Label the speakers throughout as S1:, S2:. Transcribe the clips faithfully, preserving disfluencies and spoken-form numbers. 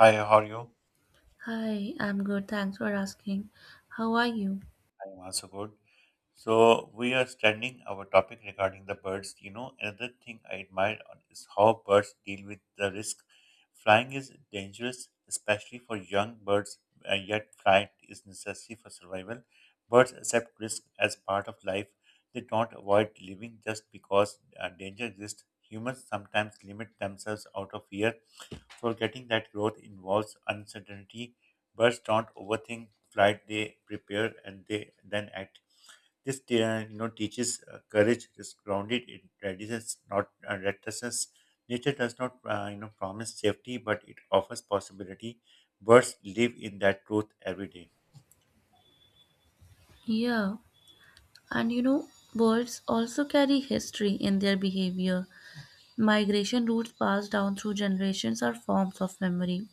S1: Hi, how are you?
S2: Hi, I'm good. Thanks for asking. How are you?
S1: I'm also good. So we are studying our topic regarding the birds. You know, another thing I admire on is how birds deal with the risk. Flying is dangerous, especially for young birds, and yet flight is necessary for survival. Birds accept risk as part of life. They don't avoid living just because uh, danger exists. Humans sometimes limit themselves out of fear. Forgetting that growth involves uncertainty, birds don't overthink flight; they prepare and they then act. This uh, you know teaches uh, courage is grounded in readiness, not uh, recklessness. Nature does not uh, you know promise safety, but it offers possibility. Birds live in that truth every day.
S2: Yeah, and you know, birds also carry history in their behavior. Migration routes passed down through generations are forms of memory.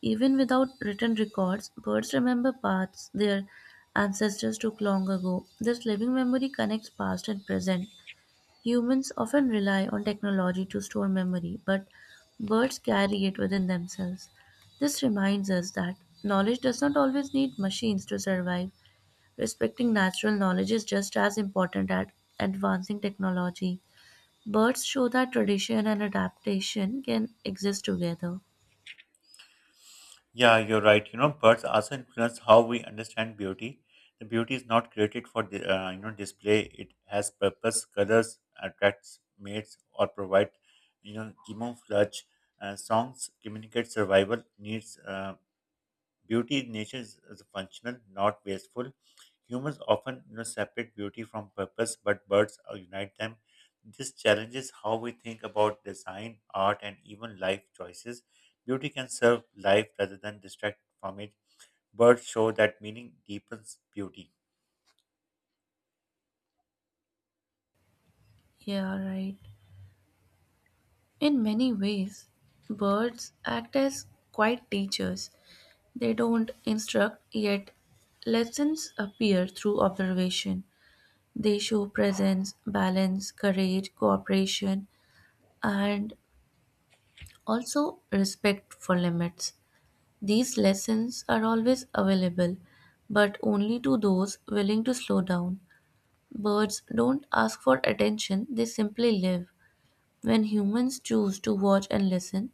S2: Even without written records, birds remember paths their ancestors took long ago. This living memory connects past and present. Humans often rely on technology to store memory, but birds carry it within themselves. This reminds us that knowledge does not always need machines to survive. Respecting natural knowledge is just as important as advancing technology. Birds show that tradition and adaptation can exist together.
S1: Yeah, you're right. You know, birds also influence how we understand beauty. The beauty is not created for the, uh, you know display. It has purpose. Colors attracts mates or provide you know camouflage. Uh, songs communicate survival needs. Uh, beauty in nature is, is functional, not wasteful. Humans often you know, separate beauty from purpose, but birds uh, unite them. This challenges how we think about design, art, and even life choices. Beauty can serve life rather than distract from it. Birds show that meaning deepens beauty.
S2: Yeah, right. In many ways, birds act as quiet teachers. They don't instruct, yet lessons appear through observation. They show presence, balance, courage, cooperation, and also respect for limits. These lessons are always available, but only to those willing to slow down. Birds don't ask for attention, they simply live. When humans choose to watch and listen,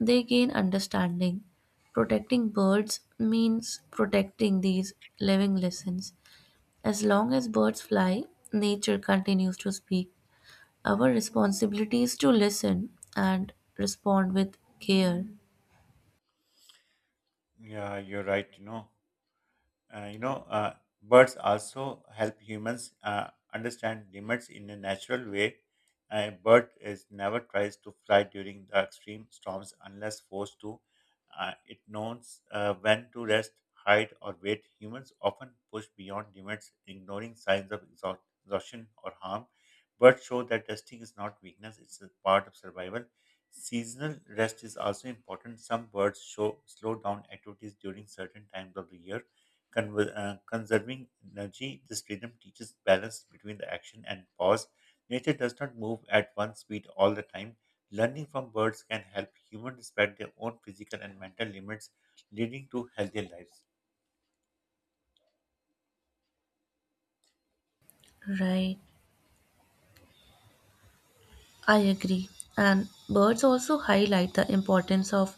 S2: they gain understanding. Protecting birds means protecting these living lessons. As long as birds fly, nature continues to speak. Our responsibility is to listen and respond with care.
S1: Yeah, you're right. You know, Uh, you know, uh, birds also help humans uh, understand limits in a natural way. A bird is never tries to fly during the extreme storms unless forced to. Uh, it knows uh, when to rest, hide, or wait. Humans often push beyond limits, ignoring signs of exhaust- exhaustion or harm. Birds show that resting is not weakness; it's a part of survival. Seasonal rest is also important. Some birds show slow down activities during certain times of the year. Conver- uh, conserving energy, this rhythm teaches balance between the action and pause. Nature does not move at one speed all the time. Learning from birds can help humans respect their own physical and mental limits, leading to healthier lives.
S2: Right, I agree. And birds also highlight the importance of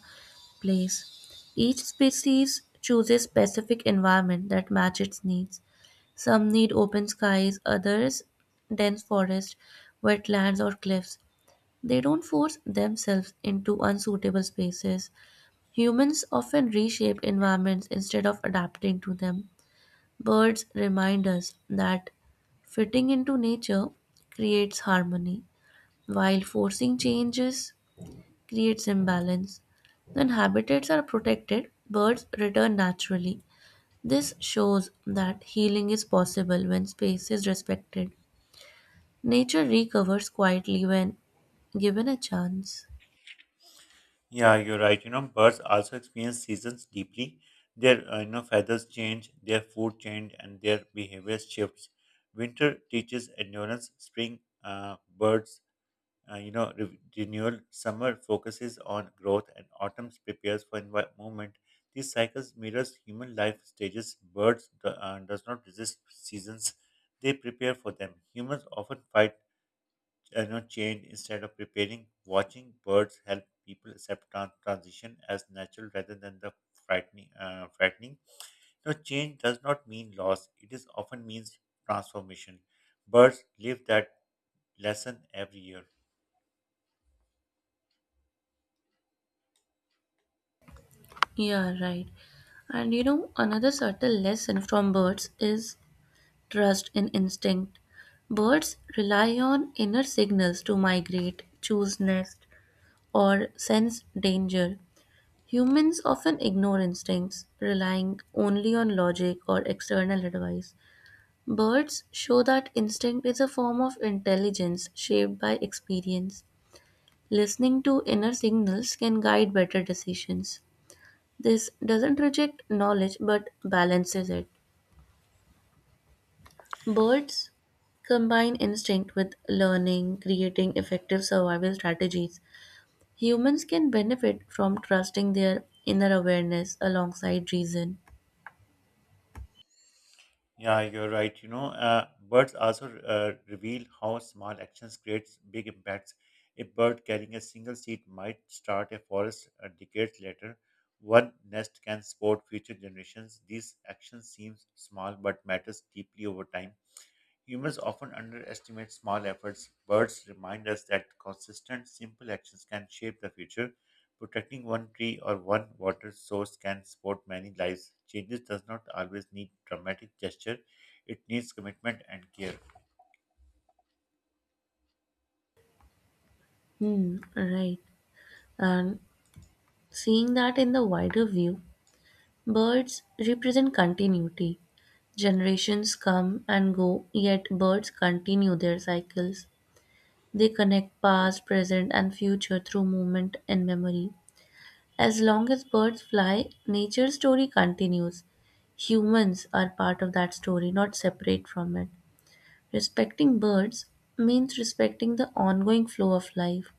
S2: place. Each species chooses specific environment that match its needs. Some need open skies, others dense forest, wetlands or cliffs. They don't force themselves into unsuitable spaces. Humans often reshape environments instead of adapting to them. Birds remind us that fitting into nature creates harmony, while forcing changes creates imbalance. When habitats are protected, birds return naturally. This shows that healing is possible when space is respected. Nature recovers quietly when given a chance.
S1: Yeah, you're right. You know, birds also experience seasons deeply. Their uh, you know feathers change, their food change, and their behavior shifts. Winter teaches endurance. Spring, uh, birds Uh, you know, re- renewal. Summer focuses on growth, and autumn prepares for envi- movement. These cycles mirrors human life stages. Birds do, uh, does not resist seasons; they prepare for them. Humans often fight, uh, you know, change instead of preparing. Watching birds help people accept tran- transition as natural rather than the frightening. Uh, frightening. No change does not mean loss. It is often means transformation. Birds live that lesson every year.
S2: Yeah, right. And you know, another subtle lesson from birds is trust, and instinct. Birds rely on inner signals to migrate, choose nest, or sense danger. Humans often ignore instincts, relying only on logic or external advice. Birds show that instinct is a form of intelligence shaped by experience. Listening to inner signals can guide better decisions. This doesn't reject knowledge but balances it. Birds combine instinct with learning, creating effective survival strategies. Humans can benefit from trusting their inner awareness alongside reason.
S1: Yeah, you're right. You know, uh, birds also uh, reveal how small actions creates big impacts. A bird carrying a single seed might start a forest uh, decades later. One nest can support future generations. These actions seem small but matters deeply over time. Humans often underestimate small efforts. Birds remind us that consistent, simple actions can shape the future. Protecting one tree or one water source can support many lives. Changes does not always need dramatic gesture. It needs commitment and care.
S2: Hmm, right. And seeing that in the wider view, birds represent continuity. Generations come and go, yet birds continue their cycles. They connect past, present, and future through movement and memory. As long as birds fly, nature's story continues. Humans are part of that story, not separate from it. Respecting birds means respecting the ongoing flow of life.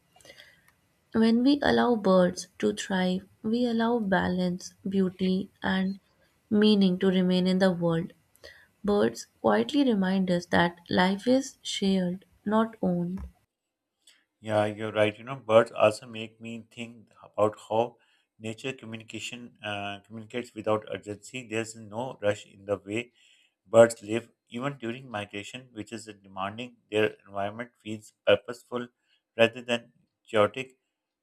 S2: When we allow birds to thrive, we allow balance, beauty, and meaning to remain in the world. Birds quietly remind us that life is shared, not owned.
S1: Yeah, you're right. You know, birds also make me think about how nature communication uh, communicates without urgency. There's no rush in the way birds live even during migration, which is demanding their environment feels purposeful rather than chaotic.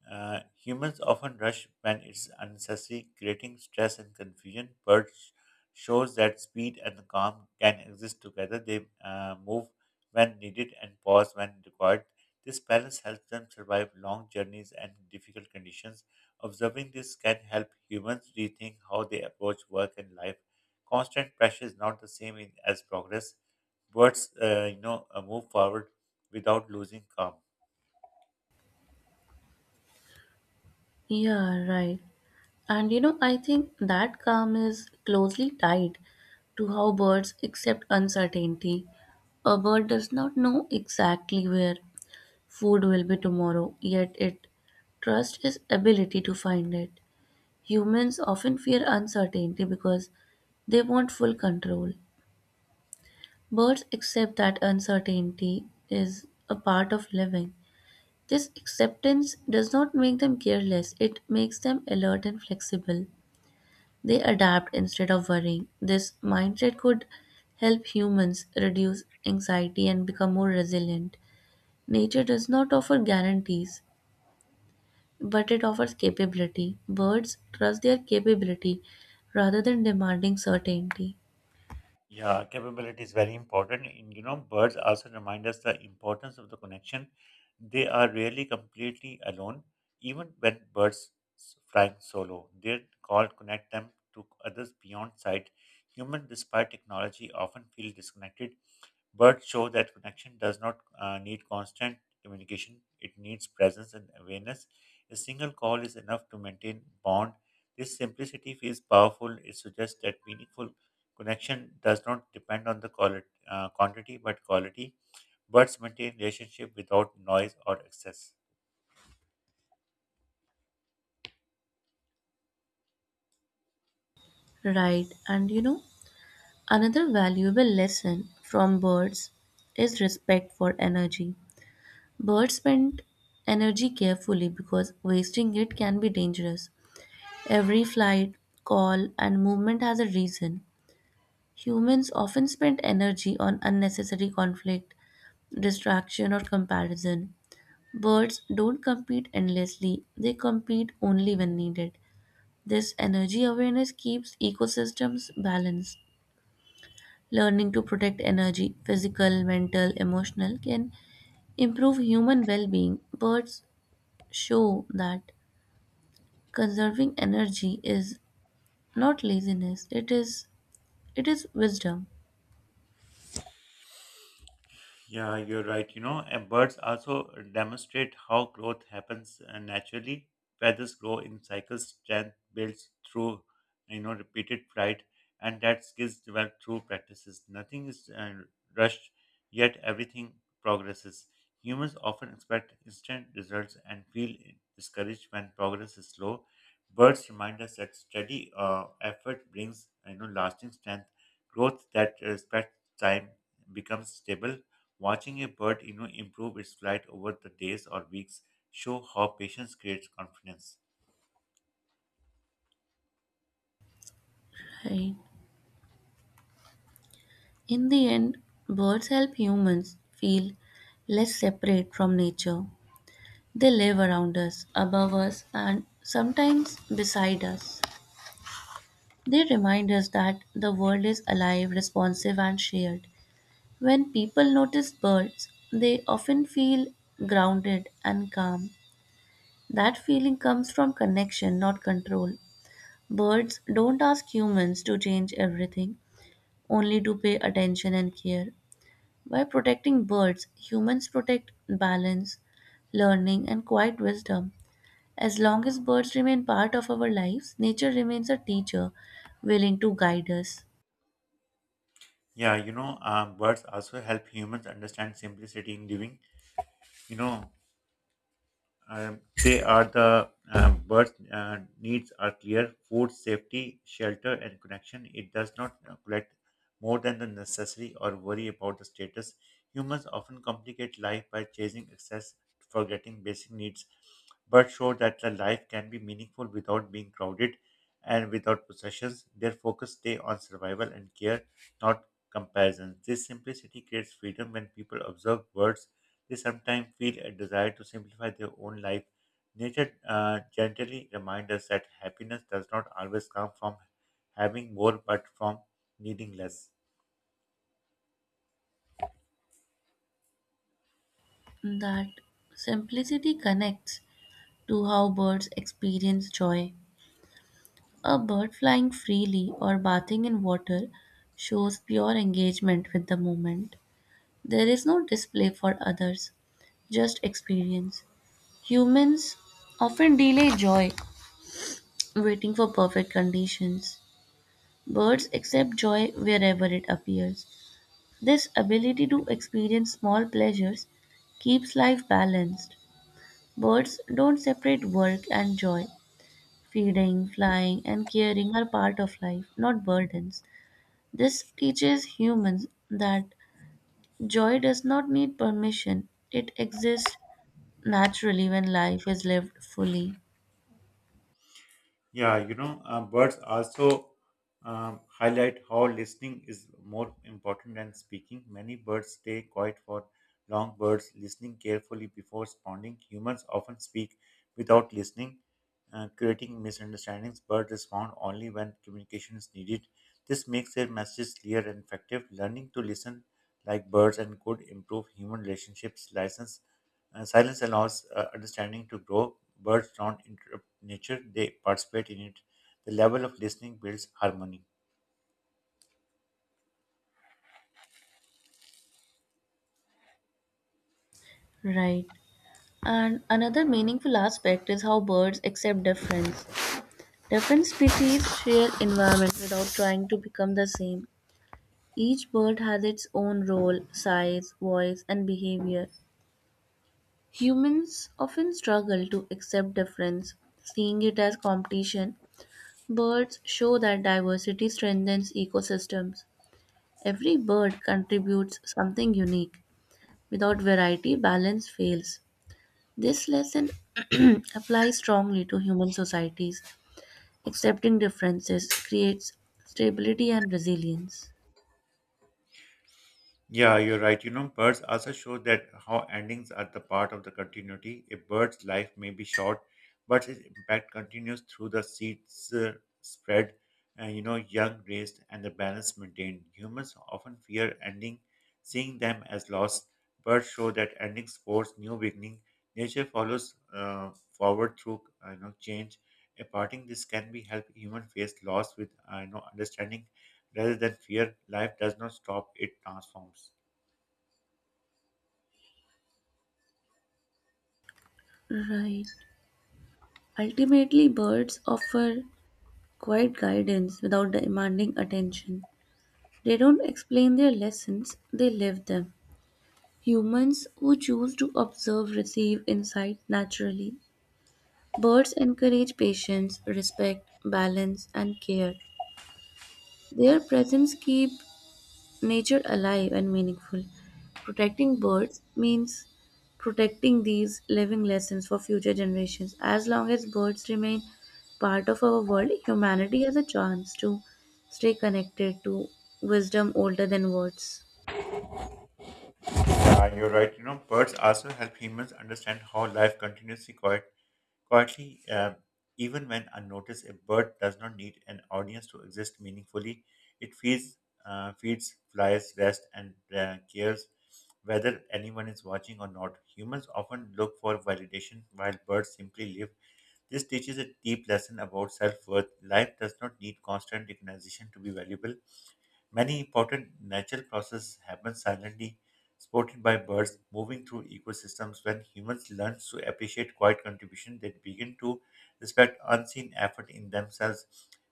S1: Uh, humans often rush when it's unnecessary, creating stress and confusion. Birds shows that speed and calm can exist together. They uh, move when needed and pause when required. This balance helps them survive long journeys and difficult conditions. Observing this can help humans rethink how they approach work and life. Constant pressure is not the same in, as progress. Birds, uh, you know, uh, move forward without losing calm.
S2: Yeah, right. And you know, I think that calm is closely tied to how birds accept uncertainty. A bird does not know exactly where food will be tomorrow, yet it trusts its ability to find it. Humans often fear uncertainty because they want full control. Birds accept that uncertainty is a part of living. This acceptance does not make them careless, it makes them alert and flexible. They adapt instead of worrying. This mindset could help humans reduce anxiety and become more resilient. Nature does not offer guarantees, but it offers capability. Birds trust their capability rather than demanding certainty.
S1: Yeah, capability is very important. And, you know, birds also remind us the importance of the connection. They are rarely completely alone, even when birds s- flying solo. Their call connect them to others beyond sight. Humans, despite technology, often feel disconnected. Birds show that connection does not uh, need constant communication, it needs presence and awareness. A single call is enough to maintain bond. This simplicity feels powerful. It suggests that meaningful connection does not depend on the quality, uh, quantity but quality. Birds maintain relationship without noise or excess.
S2: Right, and you know, another valuable lesson from birds is respect for energy. Birds spend energy carefully because wasting it can be dangerous. Every flight, call, and movement has a reason. Humans often spend energy on unnecessary conflict, distraction, or comparison. Birds don't compete endlessly, they compete only when needed. This energy awareness keeps ecosystems balanced. Learning to protect energy, physical, mental, emotional, can improve human well being. Birds show that conserving energy is not laziness, it is, it is wisdom.
S1: Yeah, you're right. You know, and birds also demonstrate how growth happens uh, naturally. Feathers grow in cycles, strength builds through, you know, repeated flight, and that skills develop through practices. Nothing is uh, rushed, yet everything progresses. Humans often expect instant results and feel discouraged when progress is slow. Birds remind us that steady uh, effort brings, you know, lasting strength. Growth that respects time becomes stable. Watching a bird you know, improve its flight over the days or weeks show how patience creates confidence.
S2: Right. In the end, birds help humans feel less separate from nature. They live around us, above us, and sometimes beside us. They remind us that the world is alive, responsive, and shared. When people notice birds, they often feel grounded and calm. That feeling comes from connection, not control. Birds don't ask humans to change everything, only to pay attention and care. By protecting birds, humans protect balance, learning, and quiet wisdom. As long as birds remain part of our lives, nature remains a teacher willing to guide us.
S1: Yeah, you know, um, birds also help humans understand simplicity in living. You know, Um, they are the um, birth uh, needs are clear: food, safety, shelter, and connection. It does not collect more than the necessary or worry about the status. Humans often complicate life by chasing excess, forgetting basic needs, but show that the life can be meaningful without being crowded and without possessions. Their focus stay on survival and care, not comparison. This simplicity creates freedom when people observe words they sometimes feel a desire to simplify their own life. Nature uh, gently reminds us that happiness does not always come from having more, but from needing less.
S2: That simplicity connects to how birds experience joy. A bird flying freely or bathing in water shows pure engagement with the moment. There is no display for others, just experience. Humans often delay joy waiting for perfect conditions. Birds accept joy wherever it appears. This ability to experience small pleasures keeps life balanced. Birds don't separate work and joy. Feeding, flying, and caring are part of life, not burdens. This teaches humans that joy does not need permission, it exists naturally when life is lived fully.
S1: Yeah, you know, uh, birds also um, highlight how listening is more important than speaking. Many birds stay quiet for long birds, listening carefully before responding. Humans often speak without listening, uh, creating misunderstandings. Birds respond only when communication is needed. This makes their messages clear and effective. Learning to listen like birds and could improve human relationships. License uh, silence allows uh, understanding to grow. Birds don't interrupt nature, they participate in it. The level of listening builds harmony.
S2: Right. And another meaningful aspect is how birds accept difference. Different species share environment without trying to become the same. Each bird has its own role, size, voice, and behavior. Humans often struggle to accept difference, seeing it as competition. Birds show that diversity strengthens ecosystems. Every bird contributes something unique. Without variety, balance fails. This lesson applies strongly to human societies. Accepting differences creates stability and resilience.
S1: Yeah, you're right. You know, birds also show that how endings are the part of the continuity. A bird's life may be short, but its impact continues through the seeds uh, spread, and you know, young raised, and the balance maintained. Humans often fear ending, seeing them as loss. Birds show that endings force new beginning. Nature follows uh, forward through uh, you know change. A parting this can be help human face loss with uh, you know understanding rather than fear. Life does not stop; it transforms.
S2: Right. Ultimately, birds offer quiet guidance without demanding attention. They don't explain their lessons, they live them. Humans who choose to observe receive insight naturally. Birds encourage patience, respect, balance, and care. Their presence keep nature alive and meaningful. Protecting birds means protecting these living lessons for future generations. As long as birds remain part of our world, humanity has a chance to stay connected to wisdom older than words.
S1: Uh, you're right. You know, birds also help humans understand how life continues quiet, quietly, uh, even when unnoticed. A bird does not need an audience to exist meaningfully. It feeds, uh, feeds, flies, rests, and uh, cares whether anyone is watching or not. Humans often look for validation while birds simply live. This teaches a deep lesson about self worth. Life does not need constant recognition to be valuable. Many important natural processes happen silently, supported by birds moving through ecosystems. When humans learn to appreciate quiet contribution, they begin to respect unseen effort in themselves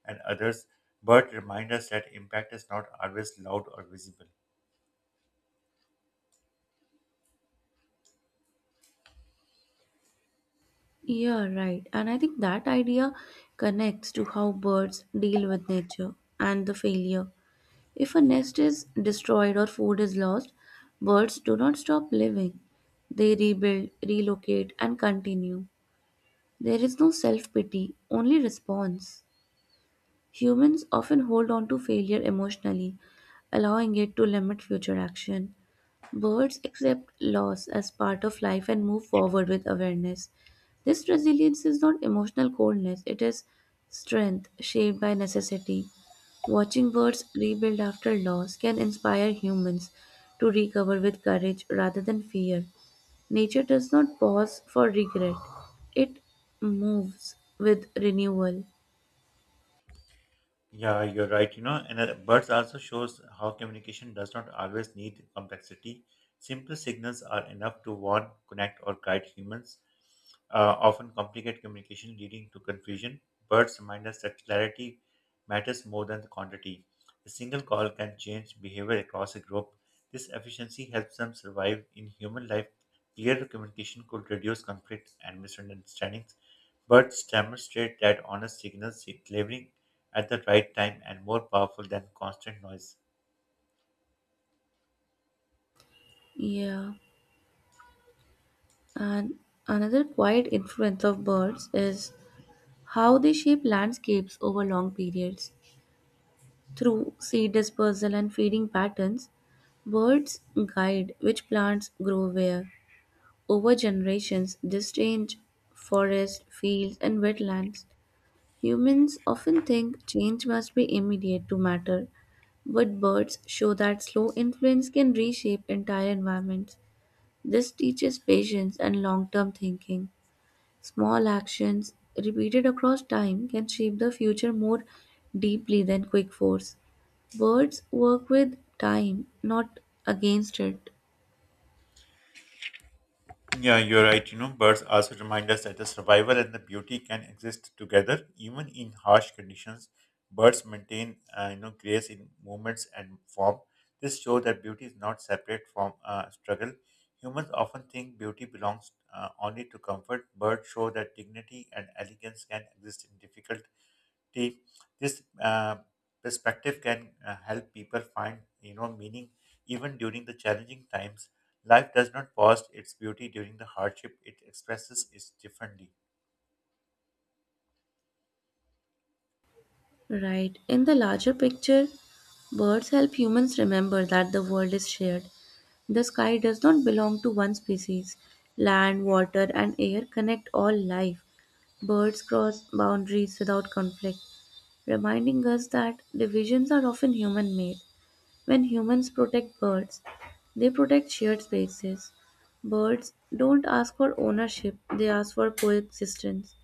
S1: and others. Birds remind us that impact is not always loud or visible.
S2: Yeah, right. And I think that idea connects to how birds deal with nature and the failure. If a nest is destroyed or food is lost, birds do not stop living. They rebuild, relocate, and continue. There is no self pity, only response. Humans often hold on to failure emotionally, allowing it to limit future action. Birds accept loss as part of life and move forward with awareness. This resilience is not emotional coldness, it is strength shaped by necessity. Watching birds rebuild after loss can inspire humans to recover with courage rather than fear. Nature does not pause for regret, it moves with renewal.
S1: Yeah, you're right. You know, and uh, birds also shows how communication does not always need complexity. Simple signals are enough to warn, connect, or guide humans. Uh, often complicate communication, leading to confusion. Birds remind us that clarity matters more than the quantity. A single call can change behavior across a group. This efficiency helps them survive in human life. Clear communication could reduce conflicts and misunderstandings. Birds demonstrate that honest signals is delivering at the right time and more powerful than constant noise.
S2: Yeah. And another quiet influence of birds is how they shape landscapes over long periods. Through seed dispersal and feeding patterns, birds guide which plants grow where. Over generations, this change forests, fields, and wetlands. Humans often think change must be immediate to matter, but birds show that slow influence can reshape entire environments. This teaches patience and long term thinking. Small actions, repeated across time, can shape the future more deeply than quick force. Birds work with time, not against it.
S1: Yeah, you're right. You know, birds also remind us that the survival and the beauty can exist together, even in harsh conditions. Birds maintain, uh, you know, grace in movements and form. This shows that beauty is not separate from uh, struggle. Humans often think beauty belongs uh, only to comfort. Birds show that dignity and elegance can exist in difficult perspective. This uh, perspective can uh, help people find you know meaning even during the challenging times. Life does not pause its beauty during the hardship, it expresses it differently.
S2: Right. In the larger picture, birds help humans remember that the world is shared. The sky does not belong to one species. Land, water, and air connect all life. Birds cross boundaries without conflict, reminding us that divisions are often human made. When humans protect birds, they protect shared spaces. Birds don't ask for ownership, they ask for coexistence.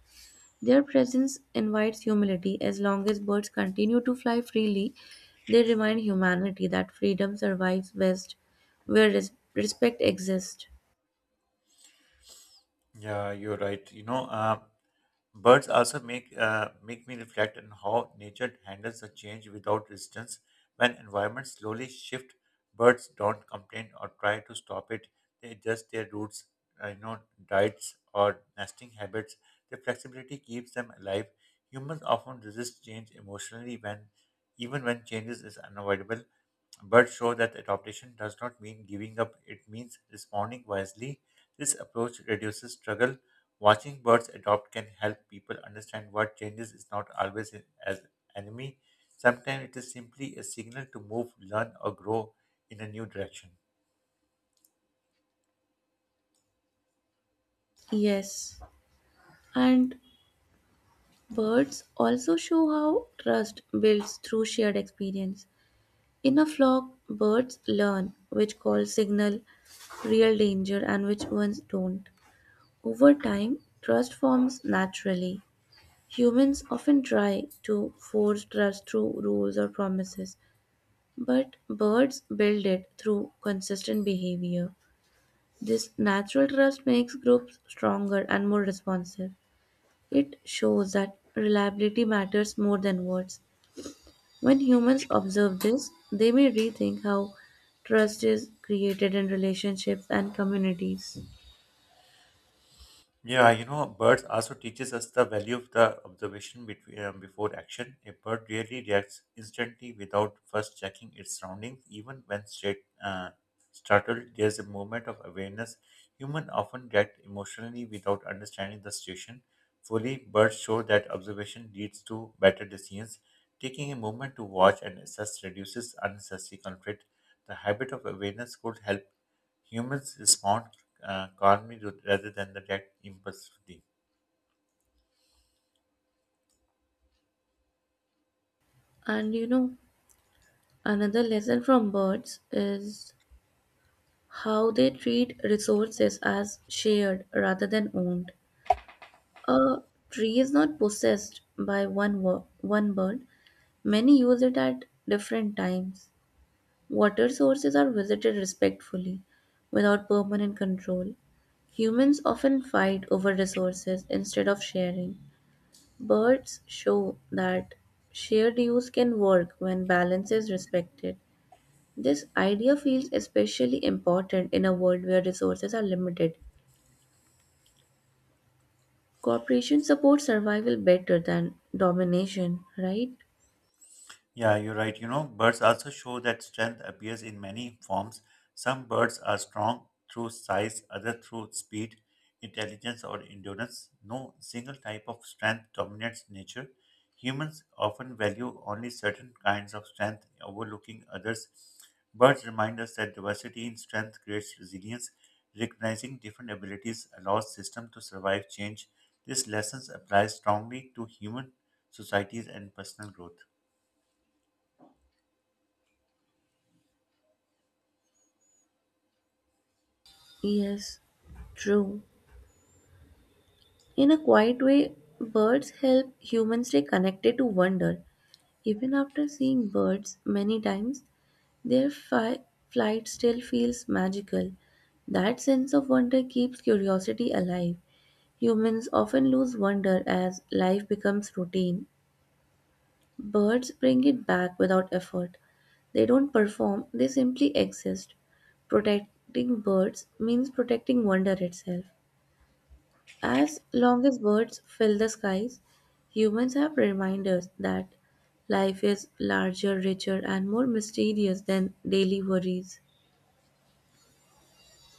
S2: Their presence invites humility. As long as birds continue to fly freely, they remind humanity that freedom survives best where res- respect exists.
S1: Yeah, you're right. You know uh, birds also make uh, make me reflect on how nature handles the change without resistance. When environments slowly shift, birds don't complain or try to stop it. They adjust their roots, uh, you know, diets or nesting habits. Their flexibility keeps them alive. Humans often resist change emotionally when, even when changes is unavoidable. But show that adaptation does not mean giving up, it means responding wisely. This approach reduces struggle. Watching birds adopt can help people understand what changes is not always in- as enemy. Sometimes it is simply a signal to move, learn, or grow in a new direction.
S2: Yes, and birds also show how trust builds through shared experience. In a flock, birds learn which calls signal real danger and which ones don't. Over time, trust forms naturally. Humans often try to force trust through rules or promises, but birds build it through consistent behavior. This natural trust makes groups stronger and more responsive. It shows that reliability matters more than words. When humans observe this, they may rethink how trust is created in relationships and communities.
S1: Yeah, you know, birds also teaches us the value of the observation between, um, before action. A bird rarely reacts instantly without first checking its surroundings. Even when straight, uh, startled, there's a moment of awareness. Humans often react emotionally without understanding the situation fully. Birds show that observation leads to better decisions. Taking a moment to watch and assess reduces unnecessary conflict. The habit of awareness could help humans respond uh, calmly rather than the react impulsively.
S2: And you know, another lesson from birds is how they treat resources as shared rather than owned. A tree is not possessed by one wo- one bird. Many use it at different times. Water sources are visited respectfully without permanent control. Humans often fight over resources instead of sharing. Birds show that shared use can work when balance is respected. This idea feels especially important in a world where resources are limited. Cooperation supports survival better than domination, right?
S1: Yeah, you're right. You know, birds also show that strength appears in many forms. Some birds are strong through size, others through speed, intelligence, or endurance. No single type of strength dominates nature. Humans often value only certain kinds of strength, overlooking others. Birds remind us that diversity in strength creates resilience. Recognizing different abilities allows systems to survive change. This lesson applies strongly to human societies and personal growth.
S2: Yes, true. In a quiet way, birds help humans stay connected to wonder. Even after seeing birds many times, their fi- flight still feels magical. That sense of wonder keeps curiosity alive. Humans often lose wonder as life becomes routine. Birds bring it back without effort. They don't perform, they simply exist. Protecting birds means protecting wonder itself. As long as birds fill the skies, humans have reminders that life is larger, richer, and more mysterious than daily worries.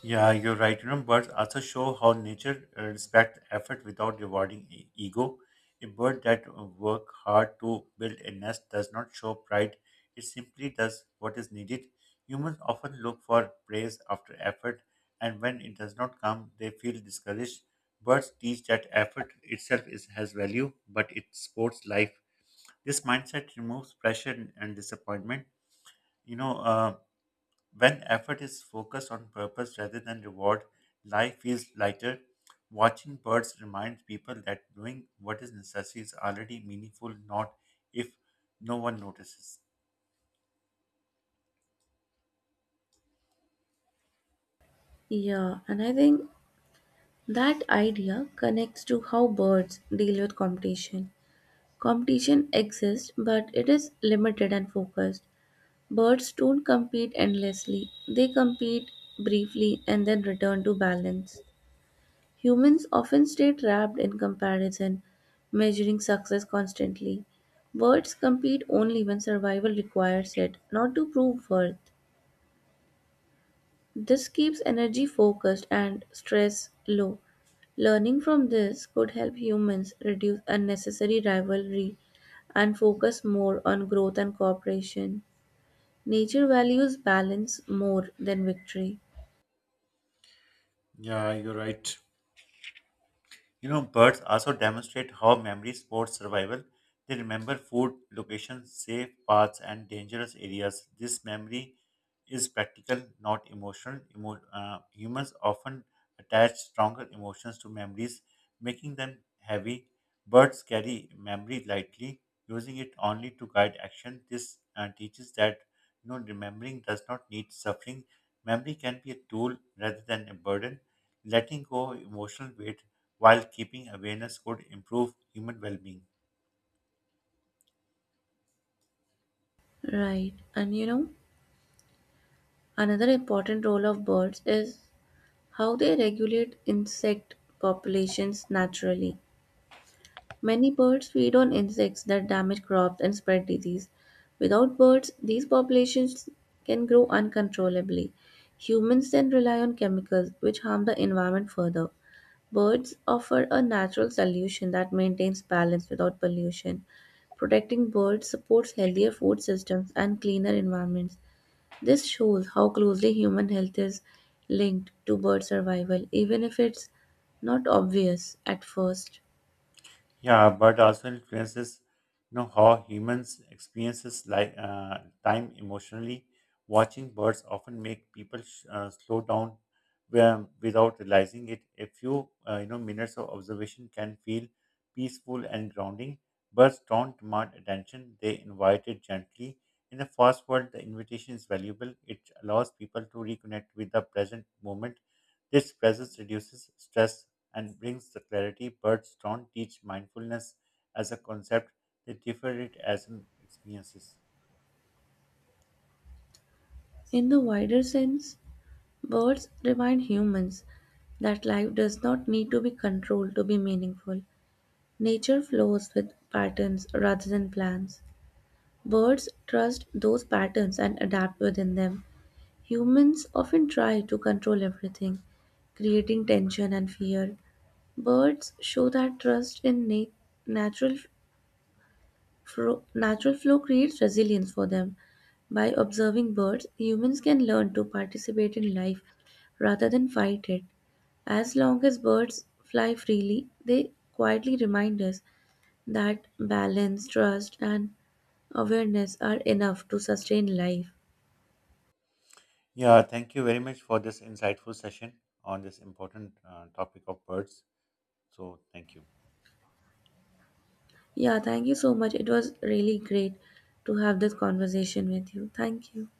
S1: Yeah, you're right. You know, birds also show how nature uh, respects effort without rewarding e- ego. A bird that uh, work hard to build a nest does not show pride. It simply does what is needed. Humans often look for praise after effort, and when it does not come, they feel discouraged. Birds teach that effort itself is, has value, but it supports life. This mindset removes pressure and and disappointment. You know, uh. When effort is focused on purpose rather than reward, life feels lighter. Watching birds reminds people that doing what is necessary is already meaningful, not if no one notices.
S2: Yeah, and I think that idea connects to how birds deal with competition. Competition exists, but it is limited and focused. Birds don't compete endlessly, they compete briefly and then return to balance. Humans often stay trapped in comparison, measuring success constantly. Birds compete only when survival requires it, not to prove worth. This keeps energy focused and stress low. Learning from this could help humans reduce unnecessary rivalry and focus more on growth and cooperation. Nature values balance more than victory.
S1: You know, birds also demonstrate how memory supports survival. They remember food, locations, safe paths, and dangerous areas. This memory is practical, not emotional. Emo- uh, humans often attach stronger emotions to memories, making them heavy. Birds carry memory lightly, using it only to guide action. This uh, teaches that you know remembering does not need suffering. Memory can be a tool rather than a burden, letting go of emotional weight while keeping awareness could improve human well being.
S2: Right. And you know, another important role of birds is how they regulate insect populations naturally. Many birds feed on insects that damage crops and spread disease. Without birds, these populations can grow uncontrollably. Humans then rely on chemicals, which harm the environment further. Birds offer a natural solution that maintains balance without pollution. Protecting birds supports healthier food systems and cleaner environments. This shows how closely human health is linked to bird survival, even if it's not obvious at first.
S1: Yeah, but also influences you know how humans experiences like uh, time emotionally. Watching birds often make people sh- uh, slow down where- without realizing it. A few uh, you know minutes of observation can feel peaceful and grounding. Birds don't demand attention; they invite it gently. In the fast world, the invitation is valuable. It allows people to reconnect with the present moment. This presence reduces stress and brings the clarity. Birds don't teach mindfulness as a concept, they differ it as an experiences.
S2: In the wider sense, birds remind humans that life does not need to be controlled to be meaningful. Nature flows with patterns rather than plans. Birds trust those patterns and adapt within them. Humans often try to control everything, creating tension and fear. Birds show that trust in na- natural Fro- natural flow creates resilience for them. By observing birds, humans can learn to participate in life rather than fight it. As long as birds fly freely, they quietly remind us that balance, trust, and awareness are enough to sustain life.
S1: Yeah, thank you very much for this insightful session on this important uh, topic of birds. So, thank you.
S2: Yeah, thank you so much. It was really great to have this conversation with you. Thank you.